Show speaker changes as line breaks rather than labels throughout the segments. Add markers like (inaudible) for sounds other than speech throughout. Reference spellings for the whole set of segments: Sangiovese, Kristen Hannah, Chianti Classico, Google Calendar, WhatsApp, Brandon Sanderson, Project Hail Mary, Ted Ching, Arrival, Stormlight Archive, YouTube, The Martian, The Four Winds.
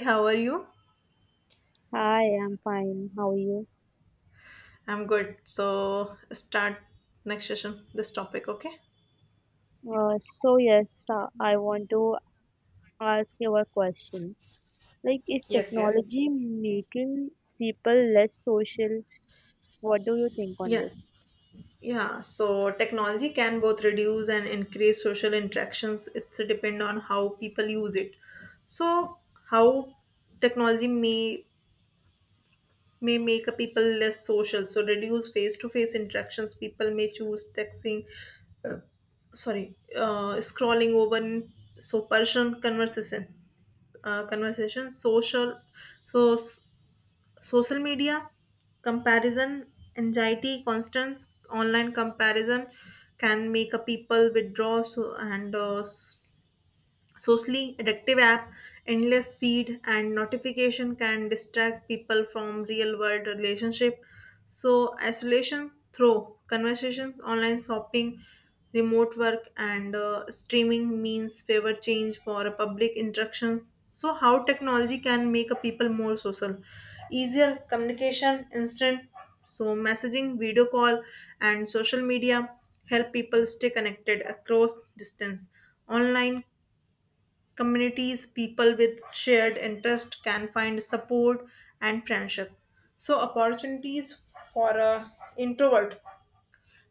How are you?
Hi, I'm fine. How are you?
I'm good. So start next session, this topic, okay?
So yes, I want to ask you a question. Like, is technology making people less social? What do you think on
Yeah.
this?
Yeah. So technology can both reduce and increase social interactions. It's depend on how people use it. So how technology may make a people less social. So reduce face to face interactions. People may choose texting, sorry, scrolling over so person conversation conversation social so social media comparison anxiety constant online comparison can make a people withdraw so, and socially addictive app endless feed and notification can distract people from real world relationship so isolation through conversations online shopping remote work and streaming means favor change for a public interaction so how technology can make a people more social easier communication instant so messaging video call and social media help people stay connected across distance online communities people with shared interest can find support and friendship so opportunities for a introvert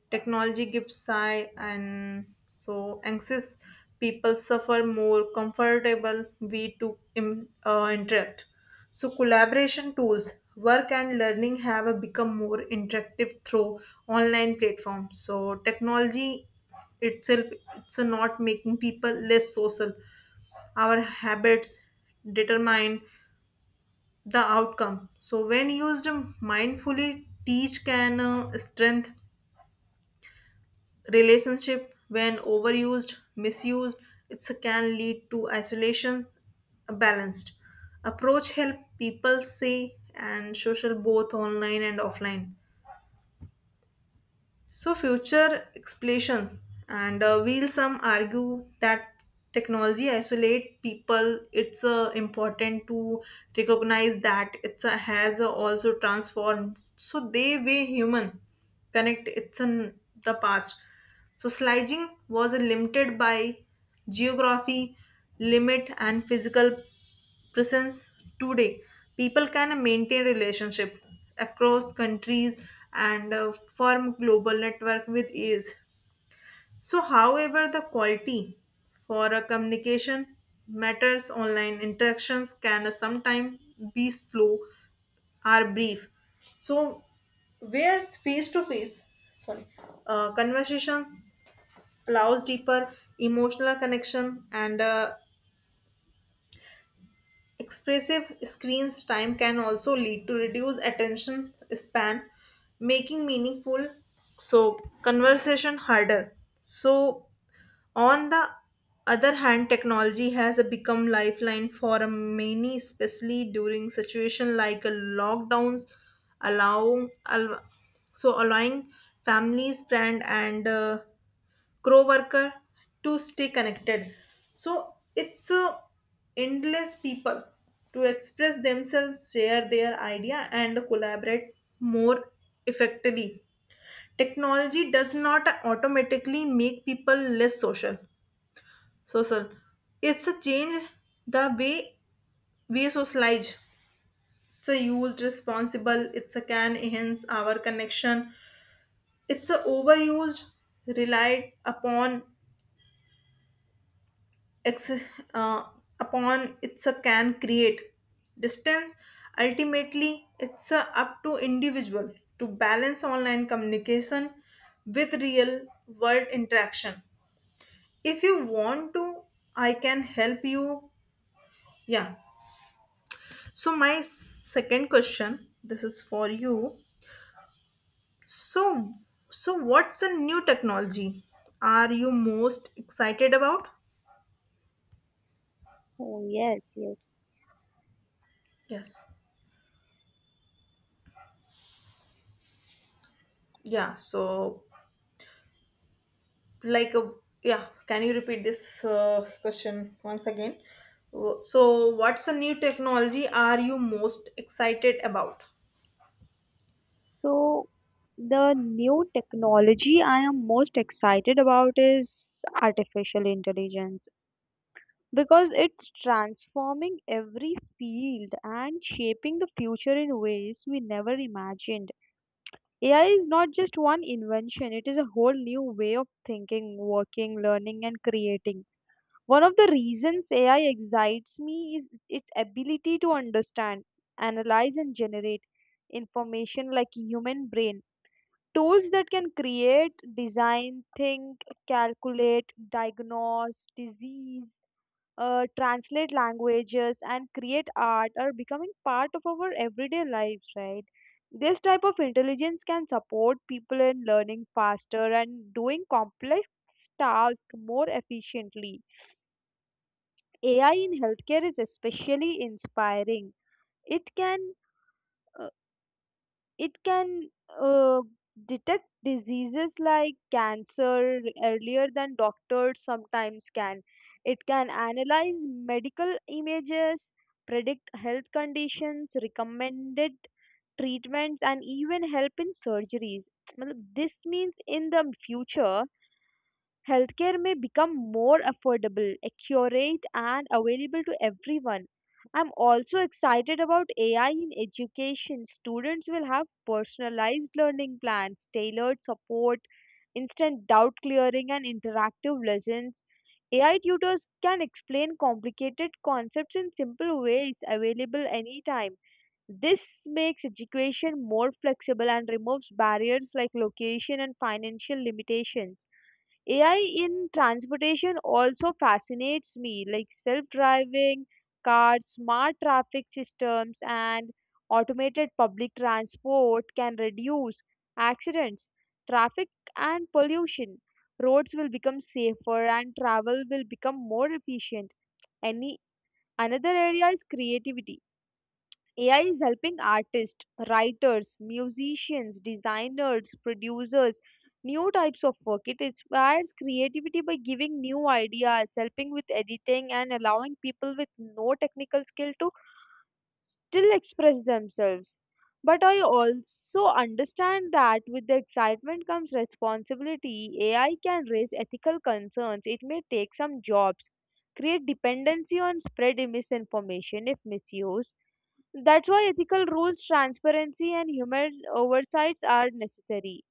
technology gives sigh and so anxious people suffer more comfortable way to interact so collaboration tools work and learning have become more interactive through online platforms so technology itself it's not making people less social our habits determine the outcome so when used mindfully teach can strengthen relationship when overused misused it can lead to isolation a balanced approach help people see and social both online and offline. So future explanations, and will some argue that technology isolate people. It's important to recognize that it's a, has also transformed. So they way human connect. It's in the past. So slicing was limited by geography, limit, and physical presence today people can maintain relationship across countries and form global network with ease. So however the quality for a communication matters online interactions can sometimes be slow or brief so whereas face to face sorry conversation allows deeper emotional connection and expressive screens time can also lead to reduced attention span, making meaningful so conversation harder. So on the other hand, technology has become lifeline for many, especially during situation like a lockdowns, allowing so allowing families, friend, and crow worker to stay connected so it's endless people to express themselves share their idea and collaborate more effectively. Technology does not automatically make people less social it's a change the way we socialize it's a used responsible it's a can enhance our connection it's a overused relied ex- uh, upon it's a can create distance ultimately it's a up to individual to balance online communication with real world interaction if you want to I can help you yeah so my second question this is for you so so what's a new technology are you most excited about.
Oh, yes, yes.
Yes. Yeah so like a yeah can you repeat this question once again. So what's a new technology are you most excited about.
So, the new technology I am most excited about is artificial intelligence because it's transforming every field and shaping the future in ways we never imagined. AI is not just one invention, it is a whole new way of thinking, working, learning, and creating. One of the reasons AI excites me is its ability to understand, analyze, and generate information like human brain. Tools that can create, design, think, calculate, diagnose disease, translate languages and create art are becoming part of our everyday lives. Right, this type of intelligence can support people in learning faster and doing complex tasks more efficiently. AI in healthcare is especially inspiring. It can uh, It can uh, detect diseases like cancer earlier than doctors sometimes can. It can analyze medical images, predict health conditions, recommended treatments, and even help in surgeries. (tsk) मतलब, this means in the future, healthcare may become more affordable, accurate, and available to everyone. I'm also excited about AI in education. Students will have personalized learning plans, tailored support, instant doubt clearing, and interactive lessons. AI tutors can explain complicated concepts in simple ways available anytime. This makes education more flexible and removes barriers like location and financial limitations. AI in transportation also fascinates me, like self driving cars, smart traffic systems, and automated public transport can reduce accidents, traffic, and pollution. Roads will become safer and travel will become more efficient. Any another area is creativity. AI is helping artists, writers, musicians, designers, producers, new types of work. It inspires creativity by giving new ideas, helping with editing, and allowing people with no technical skill to still express themselves. But I also understand that with the excitement comes responsibility. AI can raise ethical concerns. It may take some jobs, create dependency on spread misinformation if misused. That's why ethical rules, transparency, and human oversights are necessary.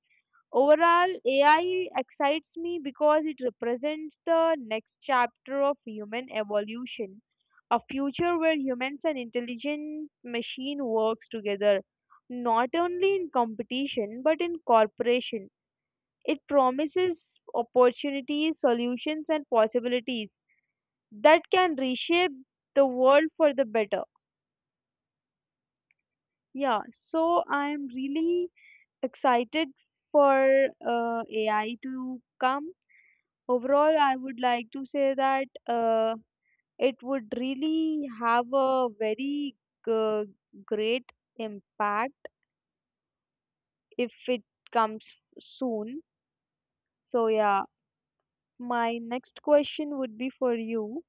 Overall, AI excites me because it represents the next chapter of human evolution, a future where humans and intelligent machine works together, not only in competition but in cooperation. It promises opportunities, solutions, and possibilities that can reshape the world for the better. Yeah, so I'm really excited for AI to come. Overall, I would like to say that it would really have a very g- great impact if it comes soon. So, yeah, my next question would be for you.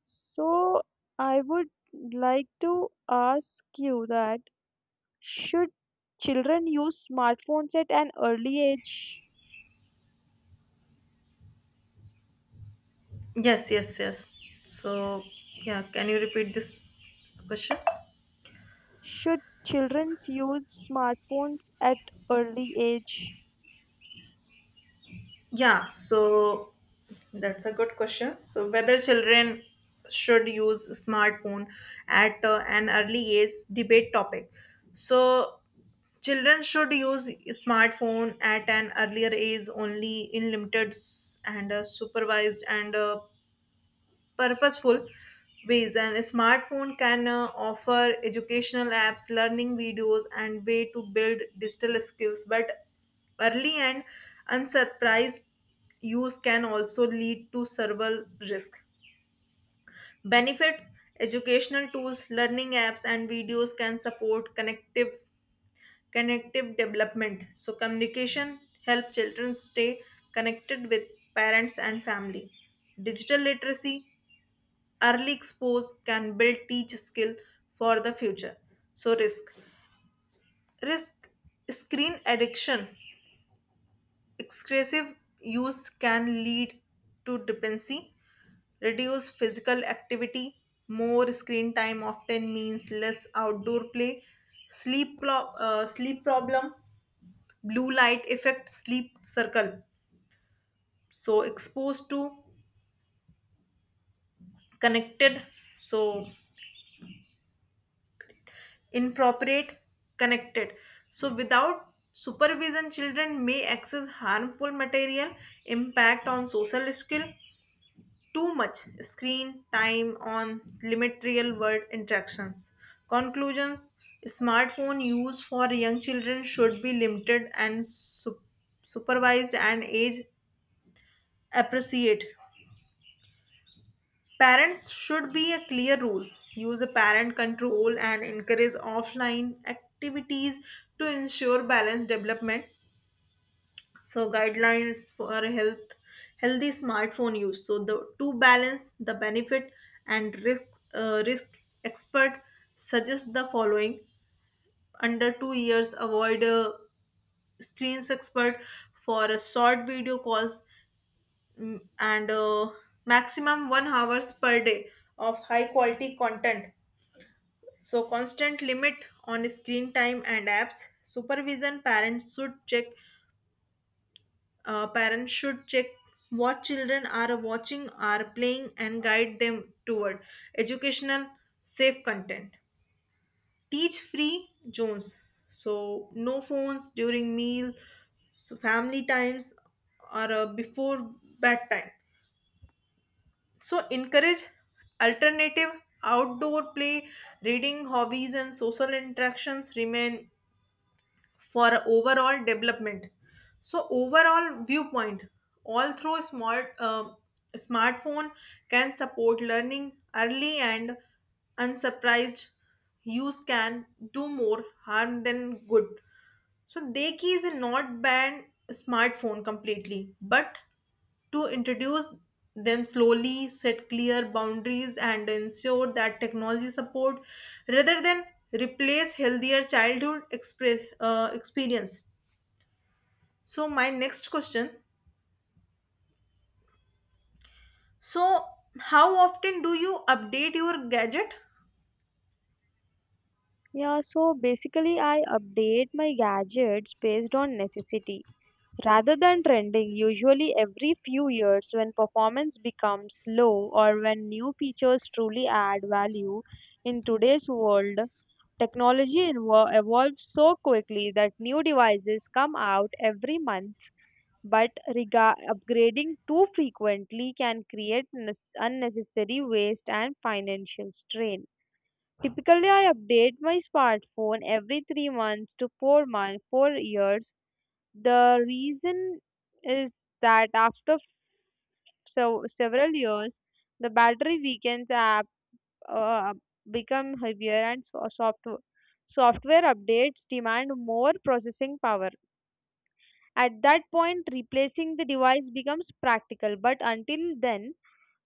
So, I would like to ask you that should children use smartphones at an early age?
Yes, yes, yes. So yeah can you repeat this question.
Should children use smartphones at early age?
Yeah, so that's a good question. So whether children should use smartphone at an early age debate topic. So children should use smartphone at an earlier age only in limited s- and supervised and purposeful ways and a smartphone can offer educational apps learning videos and way to build digital skills but early and unsurprised use can also lead to several risk benefits educational tools learning apps and videos can support connective development. So communication help children stay connected with parents and family. Digital literacy, early expose can build teach skill for the future. So risk. Risk screen addiction. Excessive use can lead to dependency, reduce physical activity, more screen time often means less outdoor play, sleep problem, blue light effect sleep circle so exposed to connected so inappropriate connected so without supervision children may access harmful material impact on social skill too much screen time on limit real world interactions conclusions smartphone use for young children should be limited and supervised and age appreciate. Parents should be a clear rules, use a parent control and encourage offline activities to ensure balanced development. So guidelines for healthy smartphone use. So the to balance the benefit and risk expert suggest the following under 2 years avoid screens expert for a short video calls mm, and maximum 1 hours per day of high quality content. So constant limit on screen time and apps. Supervision parents should check. Parents should check what children are watching, are playing, and guide them toward educational safe content. Teach free zones. So no phones during meal, so family times, or before bedtime. So encourage alternative outdoor play, reading hobbies, and social interactions remain for overall development. So overall viewpoint, all through smartphone can support learning early and unsurprised use can do more harm than good. So Deki is not ban smartphone completely, but to introduce them slowly, set clear boundaries, and ensure that technology support rather than replace healthier childhood experience. So my next question. So how often do you update your gadget?
Yeah, so basically I update my gadgets based on necessity rather than trending usually every few years when performance becomes low or when new features truly add value in today's world. Technology evolves so quickly that new devices come out every month, but upgrading too frequently can create unnecessary waste and financial strain. Typically, I update my smartphone every 3 months to 4 months, 4 years. The reason is that after several years, the battery weakens, app uh, become heavier, and software updates demand more processing power. At that point, replacing the device becomes practical, but until then,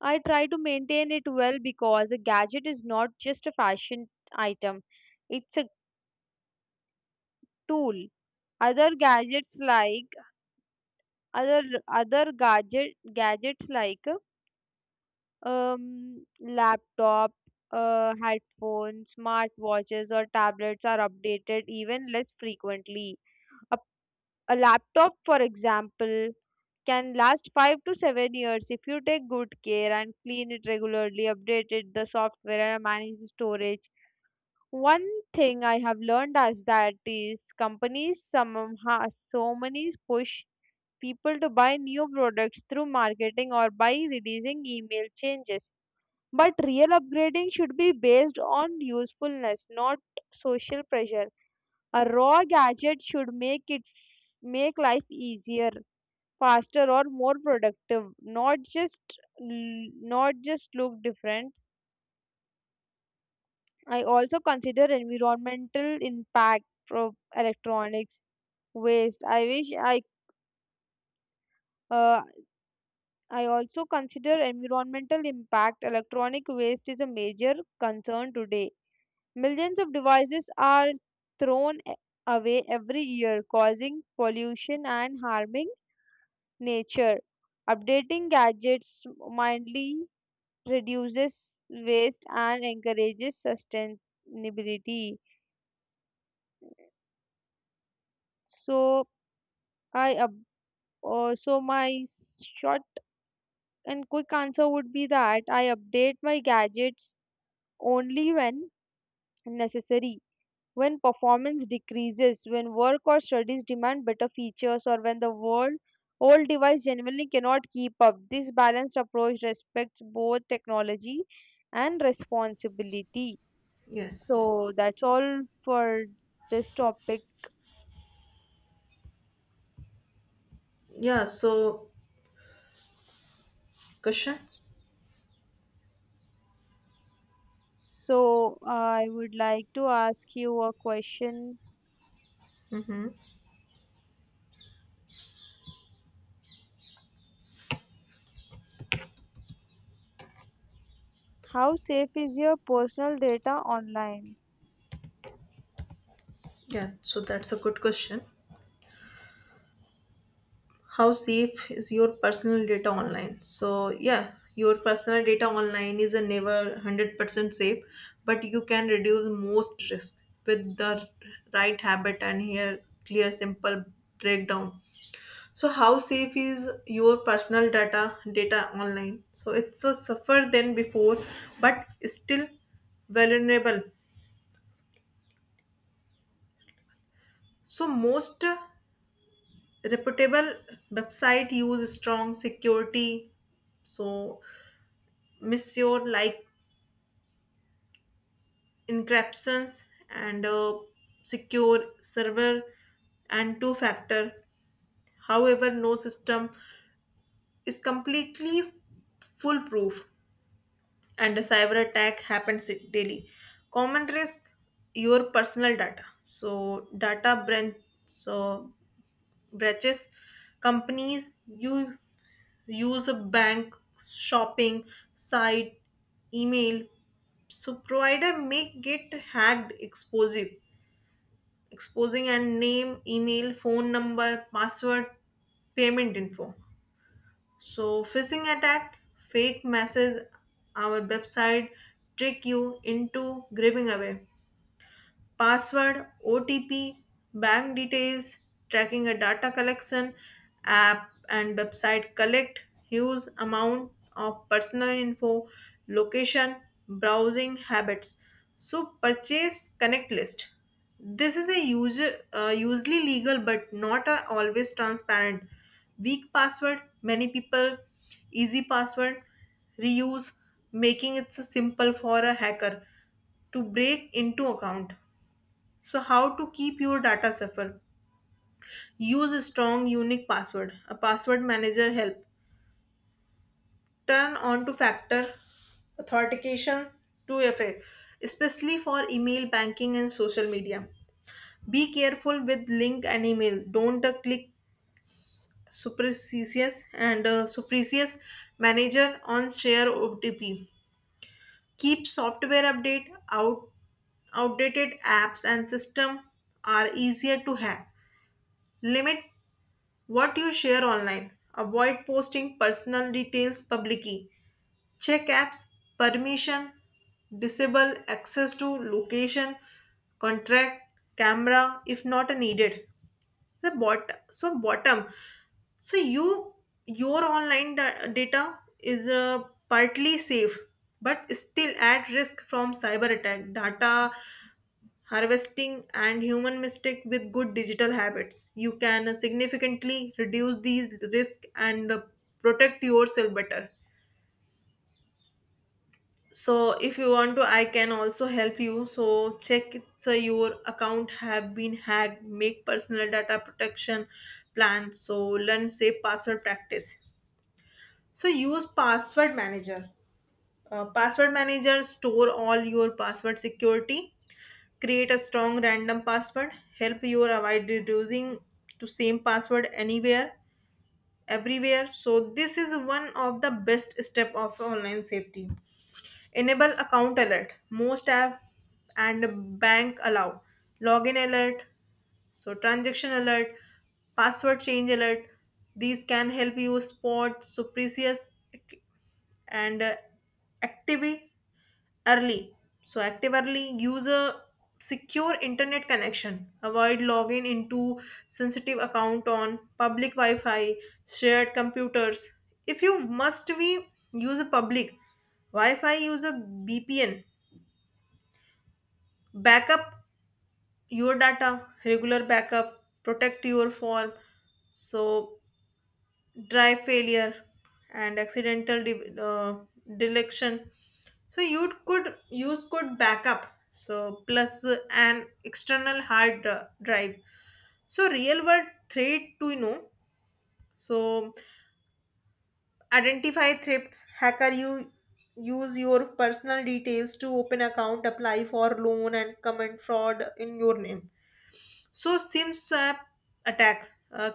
I try to maintain it well because a gadget is not just a fashion item, it's a tool. Other gadgets like other other gadget gadgets like laptop, headphones, smartwatches, or tablets are updated even less frequently. A, a laptop, for example, can last 5 to 7 years if you take good care and clean it regularly, update it, the software and manage the storage. One thing I have learned is that is companies somehow so many push people to buy new products through marketing or by releasing email changes. But real upgrading should be based on usefulness, not social pressure. A raw gadget should make life easier, faster, or more productive, not just not just look different. I also consider environmental impact from electronics waste. I wish I uh, I also consider environmental impact. Electronic waste is a major concern today. Millions of devices are thrown away every year, causing pollution and harming nature. Updating gadgets mindly reduces waste and encourages sustainability. So I up, so my short and quick answer would be that I update my gadgets only when necessary. When performance decreases, when work or studies demand better features, or when the world old device genuinely cannot keep up. This balanced approach respects both technology and responsibility.
Yes.
So that's all for this topic.
Yeah, so question.
So I would like to ask you a question.
Mm-hmm.
How safe is your personal data online?
Yeah, so that's a good question. How safe is your personal data online? So yeah your personal data online is a never 100% safe but you can reduce most risk with the right habit and here clear simple breakdown. So how safe is your personal data online so it's a suffer than before but still vulnerable so most reputable website use strong security so Monsieur like encryptions and secure server and two factor. However, no system is completely foolproof and a cyber attack happens daily. Common risk your personal data. So data breach so breaches companies you use a bank shopping site email so provider may get hacked exposing and name email phone number password payment info so phishing attack fake message our website trick you into grabbing away password, OTP, bank details, tracking a data collection app and website collect huge amount of personal info, location, browsing habits. So purchase connect list. This is a user usually legal but not a always transparent. Weak password, many people, easy password, reuse, making it simple for a hacker to break into account. So how to keep your data safer? Use a strong unique password. A password manager help. Turn on to factor authentication to fa especially for email banking and social media. Be careful with link and email. Don't click superstitious manager on share OTP. Keep software update out outdated apps and system are easier to hack. Limit what you share online. Avoid posting personal details publicly. Check apps, permission, disable access to location, contract, camera if not needed. The bottom. So your online data is partly safe but still at risk from cyber attack data harvesting and human mistake with good digital habits you can significantly reduce these risks and protect yourself better. So if you want to I can also help you so check it, so your account have been hacked make personal data protection plan so learn safe password practice so use password manager. Password manager store all your password security create a strong random password help you avoid reducing to same password anywhere everywhere so this is one of the best step of online safety. Enable account alert most app and bank allow login alert so transaction alert password change alert these can help you spot suspicious ac- and activity early. So active early, use a secure internet connection. Avoid logging into sensitive account on public Wi-Fi, shared computers. If you must be use a public Wi-Fi, use a VPN. Backup your data, regular backup, protect your form. So drive failure and accidental deletion so you could use could backup so plus an external drive. So real world threat to know so identify threats hacker you use your personal details to open account apply for loan and commit fraud in your name. So SIM swap attack.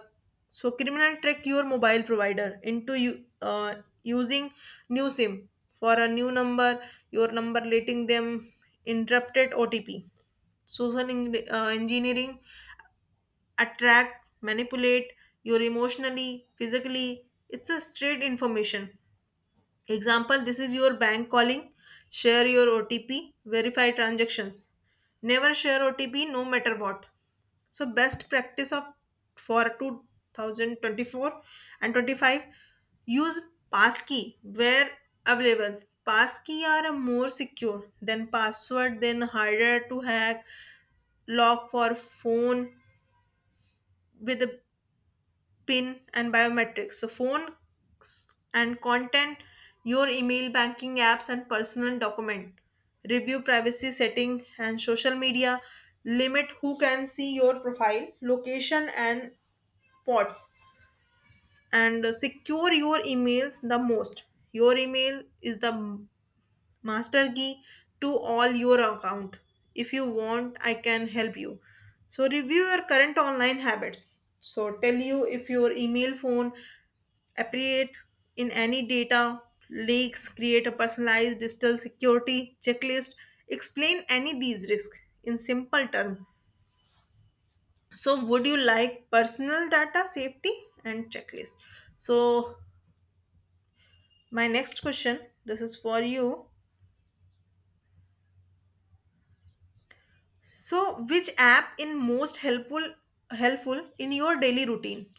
So criminal trick your mobile provider into you using new SIM for a new number. Your number letting them interrupted OTP. Social engineering attract manipulate your emotionally physically. It's a straight information. Example: this is your bank calling. Share your OTP. Verify transactions. Never share OTP no matter what. So best practice of for 2024 and 25 use passkey where available. Passkey are more secure than password, then harder to hack. Lock for phone with a pin and biometrics. So phone and content, your email, banking apps, and personal document. Review privacy setting and social media. Limit who can see your profile, location, and pods, and secure your emails the most. Your email is the master key to all your account. If you want I can help you, so review your current online habits, so tell you if your email phone appeared in any data leaks, create a personalized digital security checklist, explain any these risks in simple terms. So would you like personal data safety and checklist? so My next question, this is for you. So, which app in most helpful in your daily routine?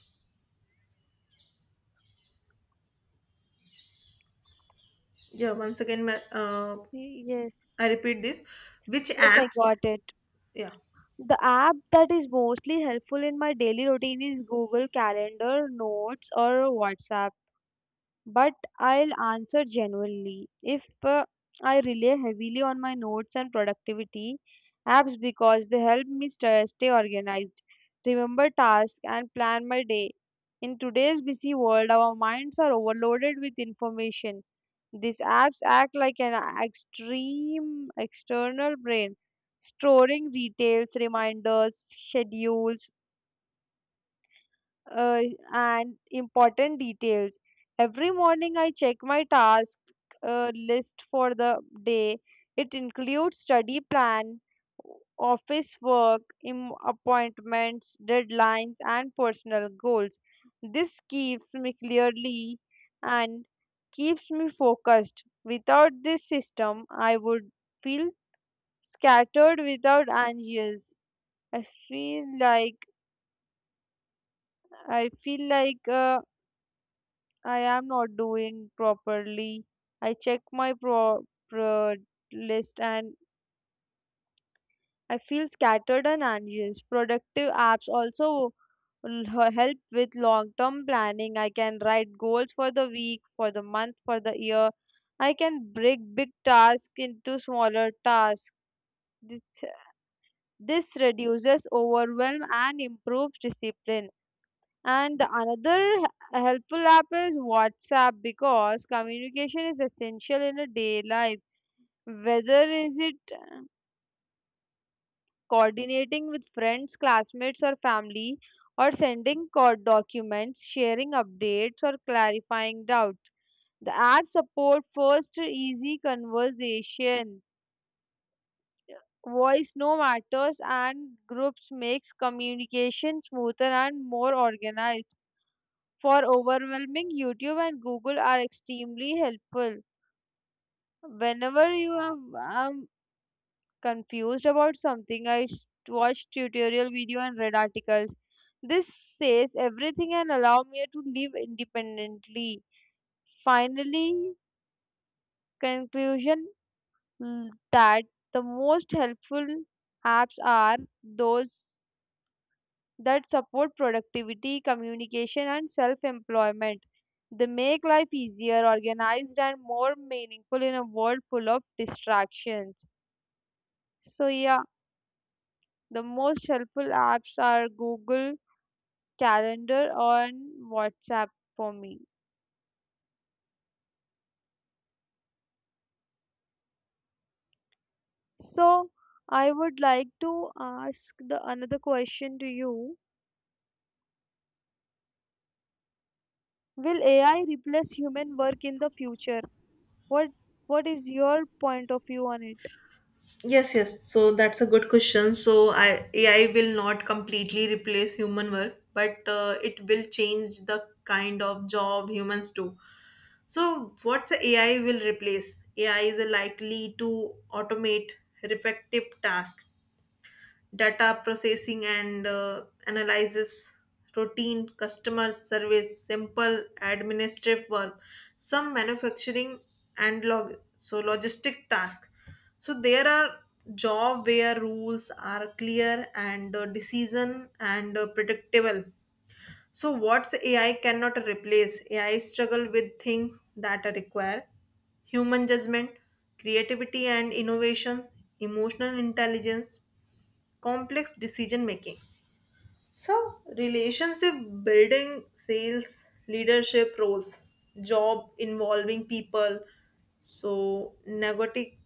Yeah, once again,
Yes.
I repeat this. Which
Yes, I
apps?
got it.
Yeah.
The app that is mostly helpful in my daily routine is Google Calendar, Notes, or WhatsApp. But I'll answer genuinely. If I rely heavily on my notes and productivity apps because they help me stay organized, remember tasks, and plan my day. In today's busy world, our minds are overloaded with information. These apps act like an extreme external brain, storing details, reminders, schedules, uh, and important details. Every morning, I check my task list for the day. It includes study plan, office work, appointments, deadlines, and personal goals. This keeps me clearly and keeps me focused. Without this system, I would feel scattered without anxious. I feel like I feel like I am not doing properly. I check my pro, pro list and I feel scattered and anxious. Productive apps also will help with long term planning. I can write goals for the week, for the month, for the year. I can break big tasks into smaller tasks. This, this reduces overwhelm and improves discipline. And the another helpful app is WhatsApp because communication is essential in a day life. Whether is it coordinating with friends, classmates, or family, or sending documents, sharing updates, or clarifying doubts. The app support first easy conversation, voice no matters, and groups makes communication smoother and more organized for overwhelming. YouTube and Google are extremely helpful. Whenever you am I'm confused about something, I watch tutorial video and read articles. This says everything and allow me to live independently. Finally, conclusion that the most helpful apps are those that support productivity, communication, and self employment. They make life easier, organized, and more meaningful in a world full of distractions. So, yeah, the most helpful apps are Google Calendar and WhatsApp for me. So, I would like to ask the another question to you. Will AI replace human work in the future? What what is your point of view on it?
Yes, yes. So that's a good question. So I AI will not completely replace human work, but it will change the kind of job humans do. So what's the AI will replace? AI is likely to automate repetitive tasks, data processing and analysis, routine customer service, simple administrative work, some manufacturing and logistic task. So there are job where rules are clear and decision and predictable. So what's AI cannot replace? AI struggle with things that require human judgment, creativity and innovation, emotional intelligence, complex decision making. So, relationship building, sales, leadership roles, job involving people, so negoti-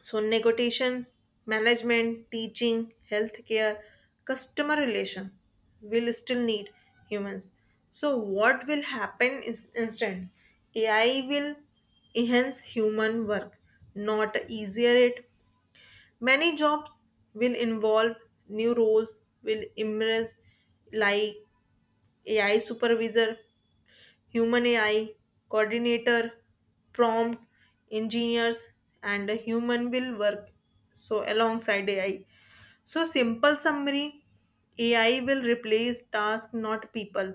so negotiations, management, teaching, healthcare, customer relation will still need humans. So, what will happen is instant? AI will enhance human work, not easier it. Many jobs will involve new roles will emerge like AI supervisor, human AI coordinator, prompt engineers, and a human will work so alongside AI. So simple summary, AI will replace tasks not people.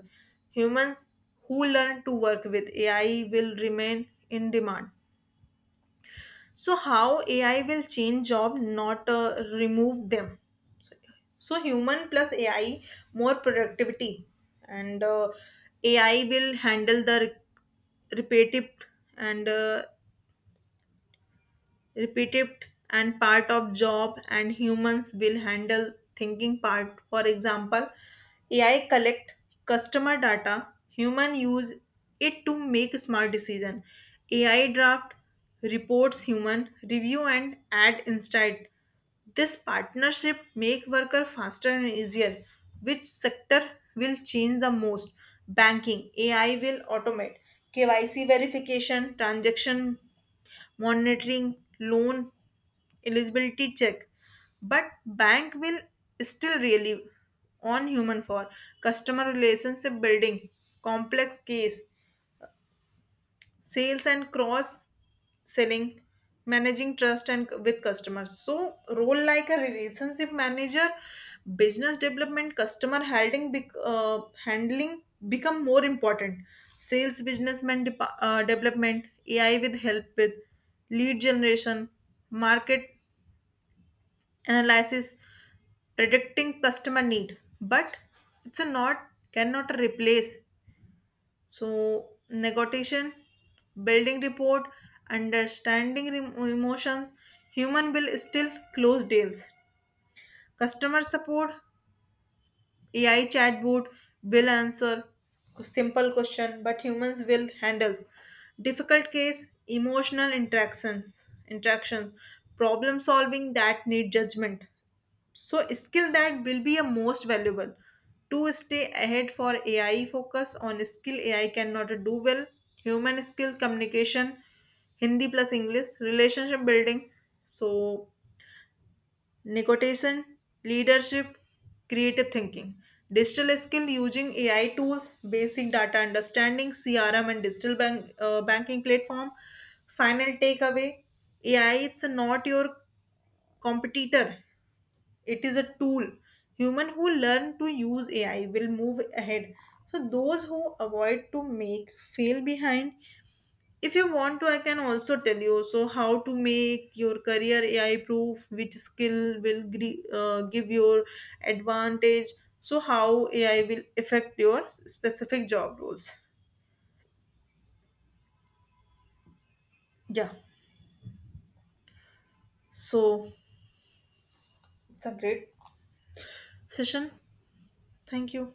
Humans who learn to work with AI will remain in demand. So how AI will change job not remove them. So human plus AI more productivity and AI will handle the repetitive and uh, repetitive and part of job, and humans will handle thinking part. For example, AI collect customer data, human use it to make smart decision. AI draft reports, human review and add insight. This partnership make worker faster and easier. Which sector will change the most? Banking, AI will automate KYC verification, transaction monitoring, loan eligibility check. But bank will still really on human for customer relationship building, complex case, sales and cross selling, managing trust and with customers. So role like a relationship manager, business development, customer handling become more important. Sales, development, AI with help with lead generation, market analysis, predicting customer need, but it's a not cannot replace. So, negotiation, building report, understanding emotions, human bill still close deals. Customer support, AI chatbot will answer simple question, but humans will handles difficult case, emotional interactions, problem solving that need judgment. So skill that will be a most valuable. To stay ahead for AI, focus on skill AI cannot do well. Human skill: communication, Hindi plus English, relationship building, so negotiation, leadership, creative thinking. Digital skill using AI tools, basic data understanding, CRM and digital banking platform. Final takeaway, AI it's not your competitor, it is a tool. Human who learn to use AI will move ahead, so those who avoid to make fail behind. If you want to I can also tell you so how to make your career AI proof, which skill will give your advantage, so how AI will affect your specific job roles. Yeah, so it's a great session, thank you.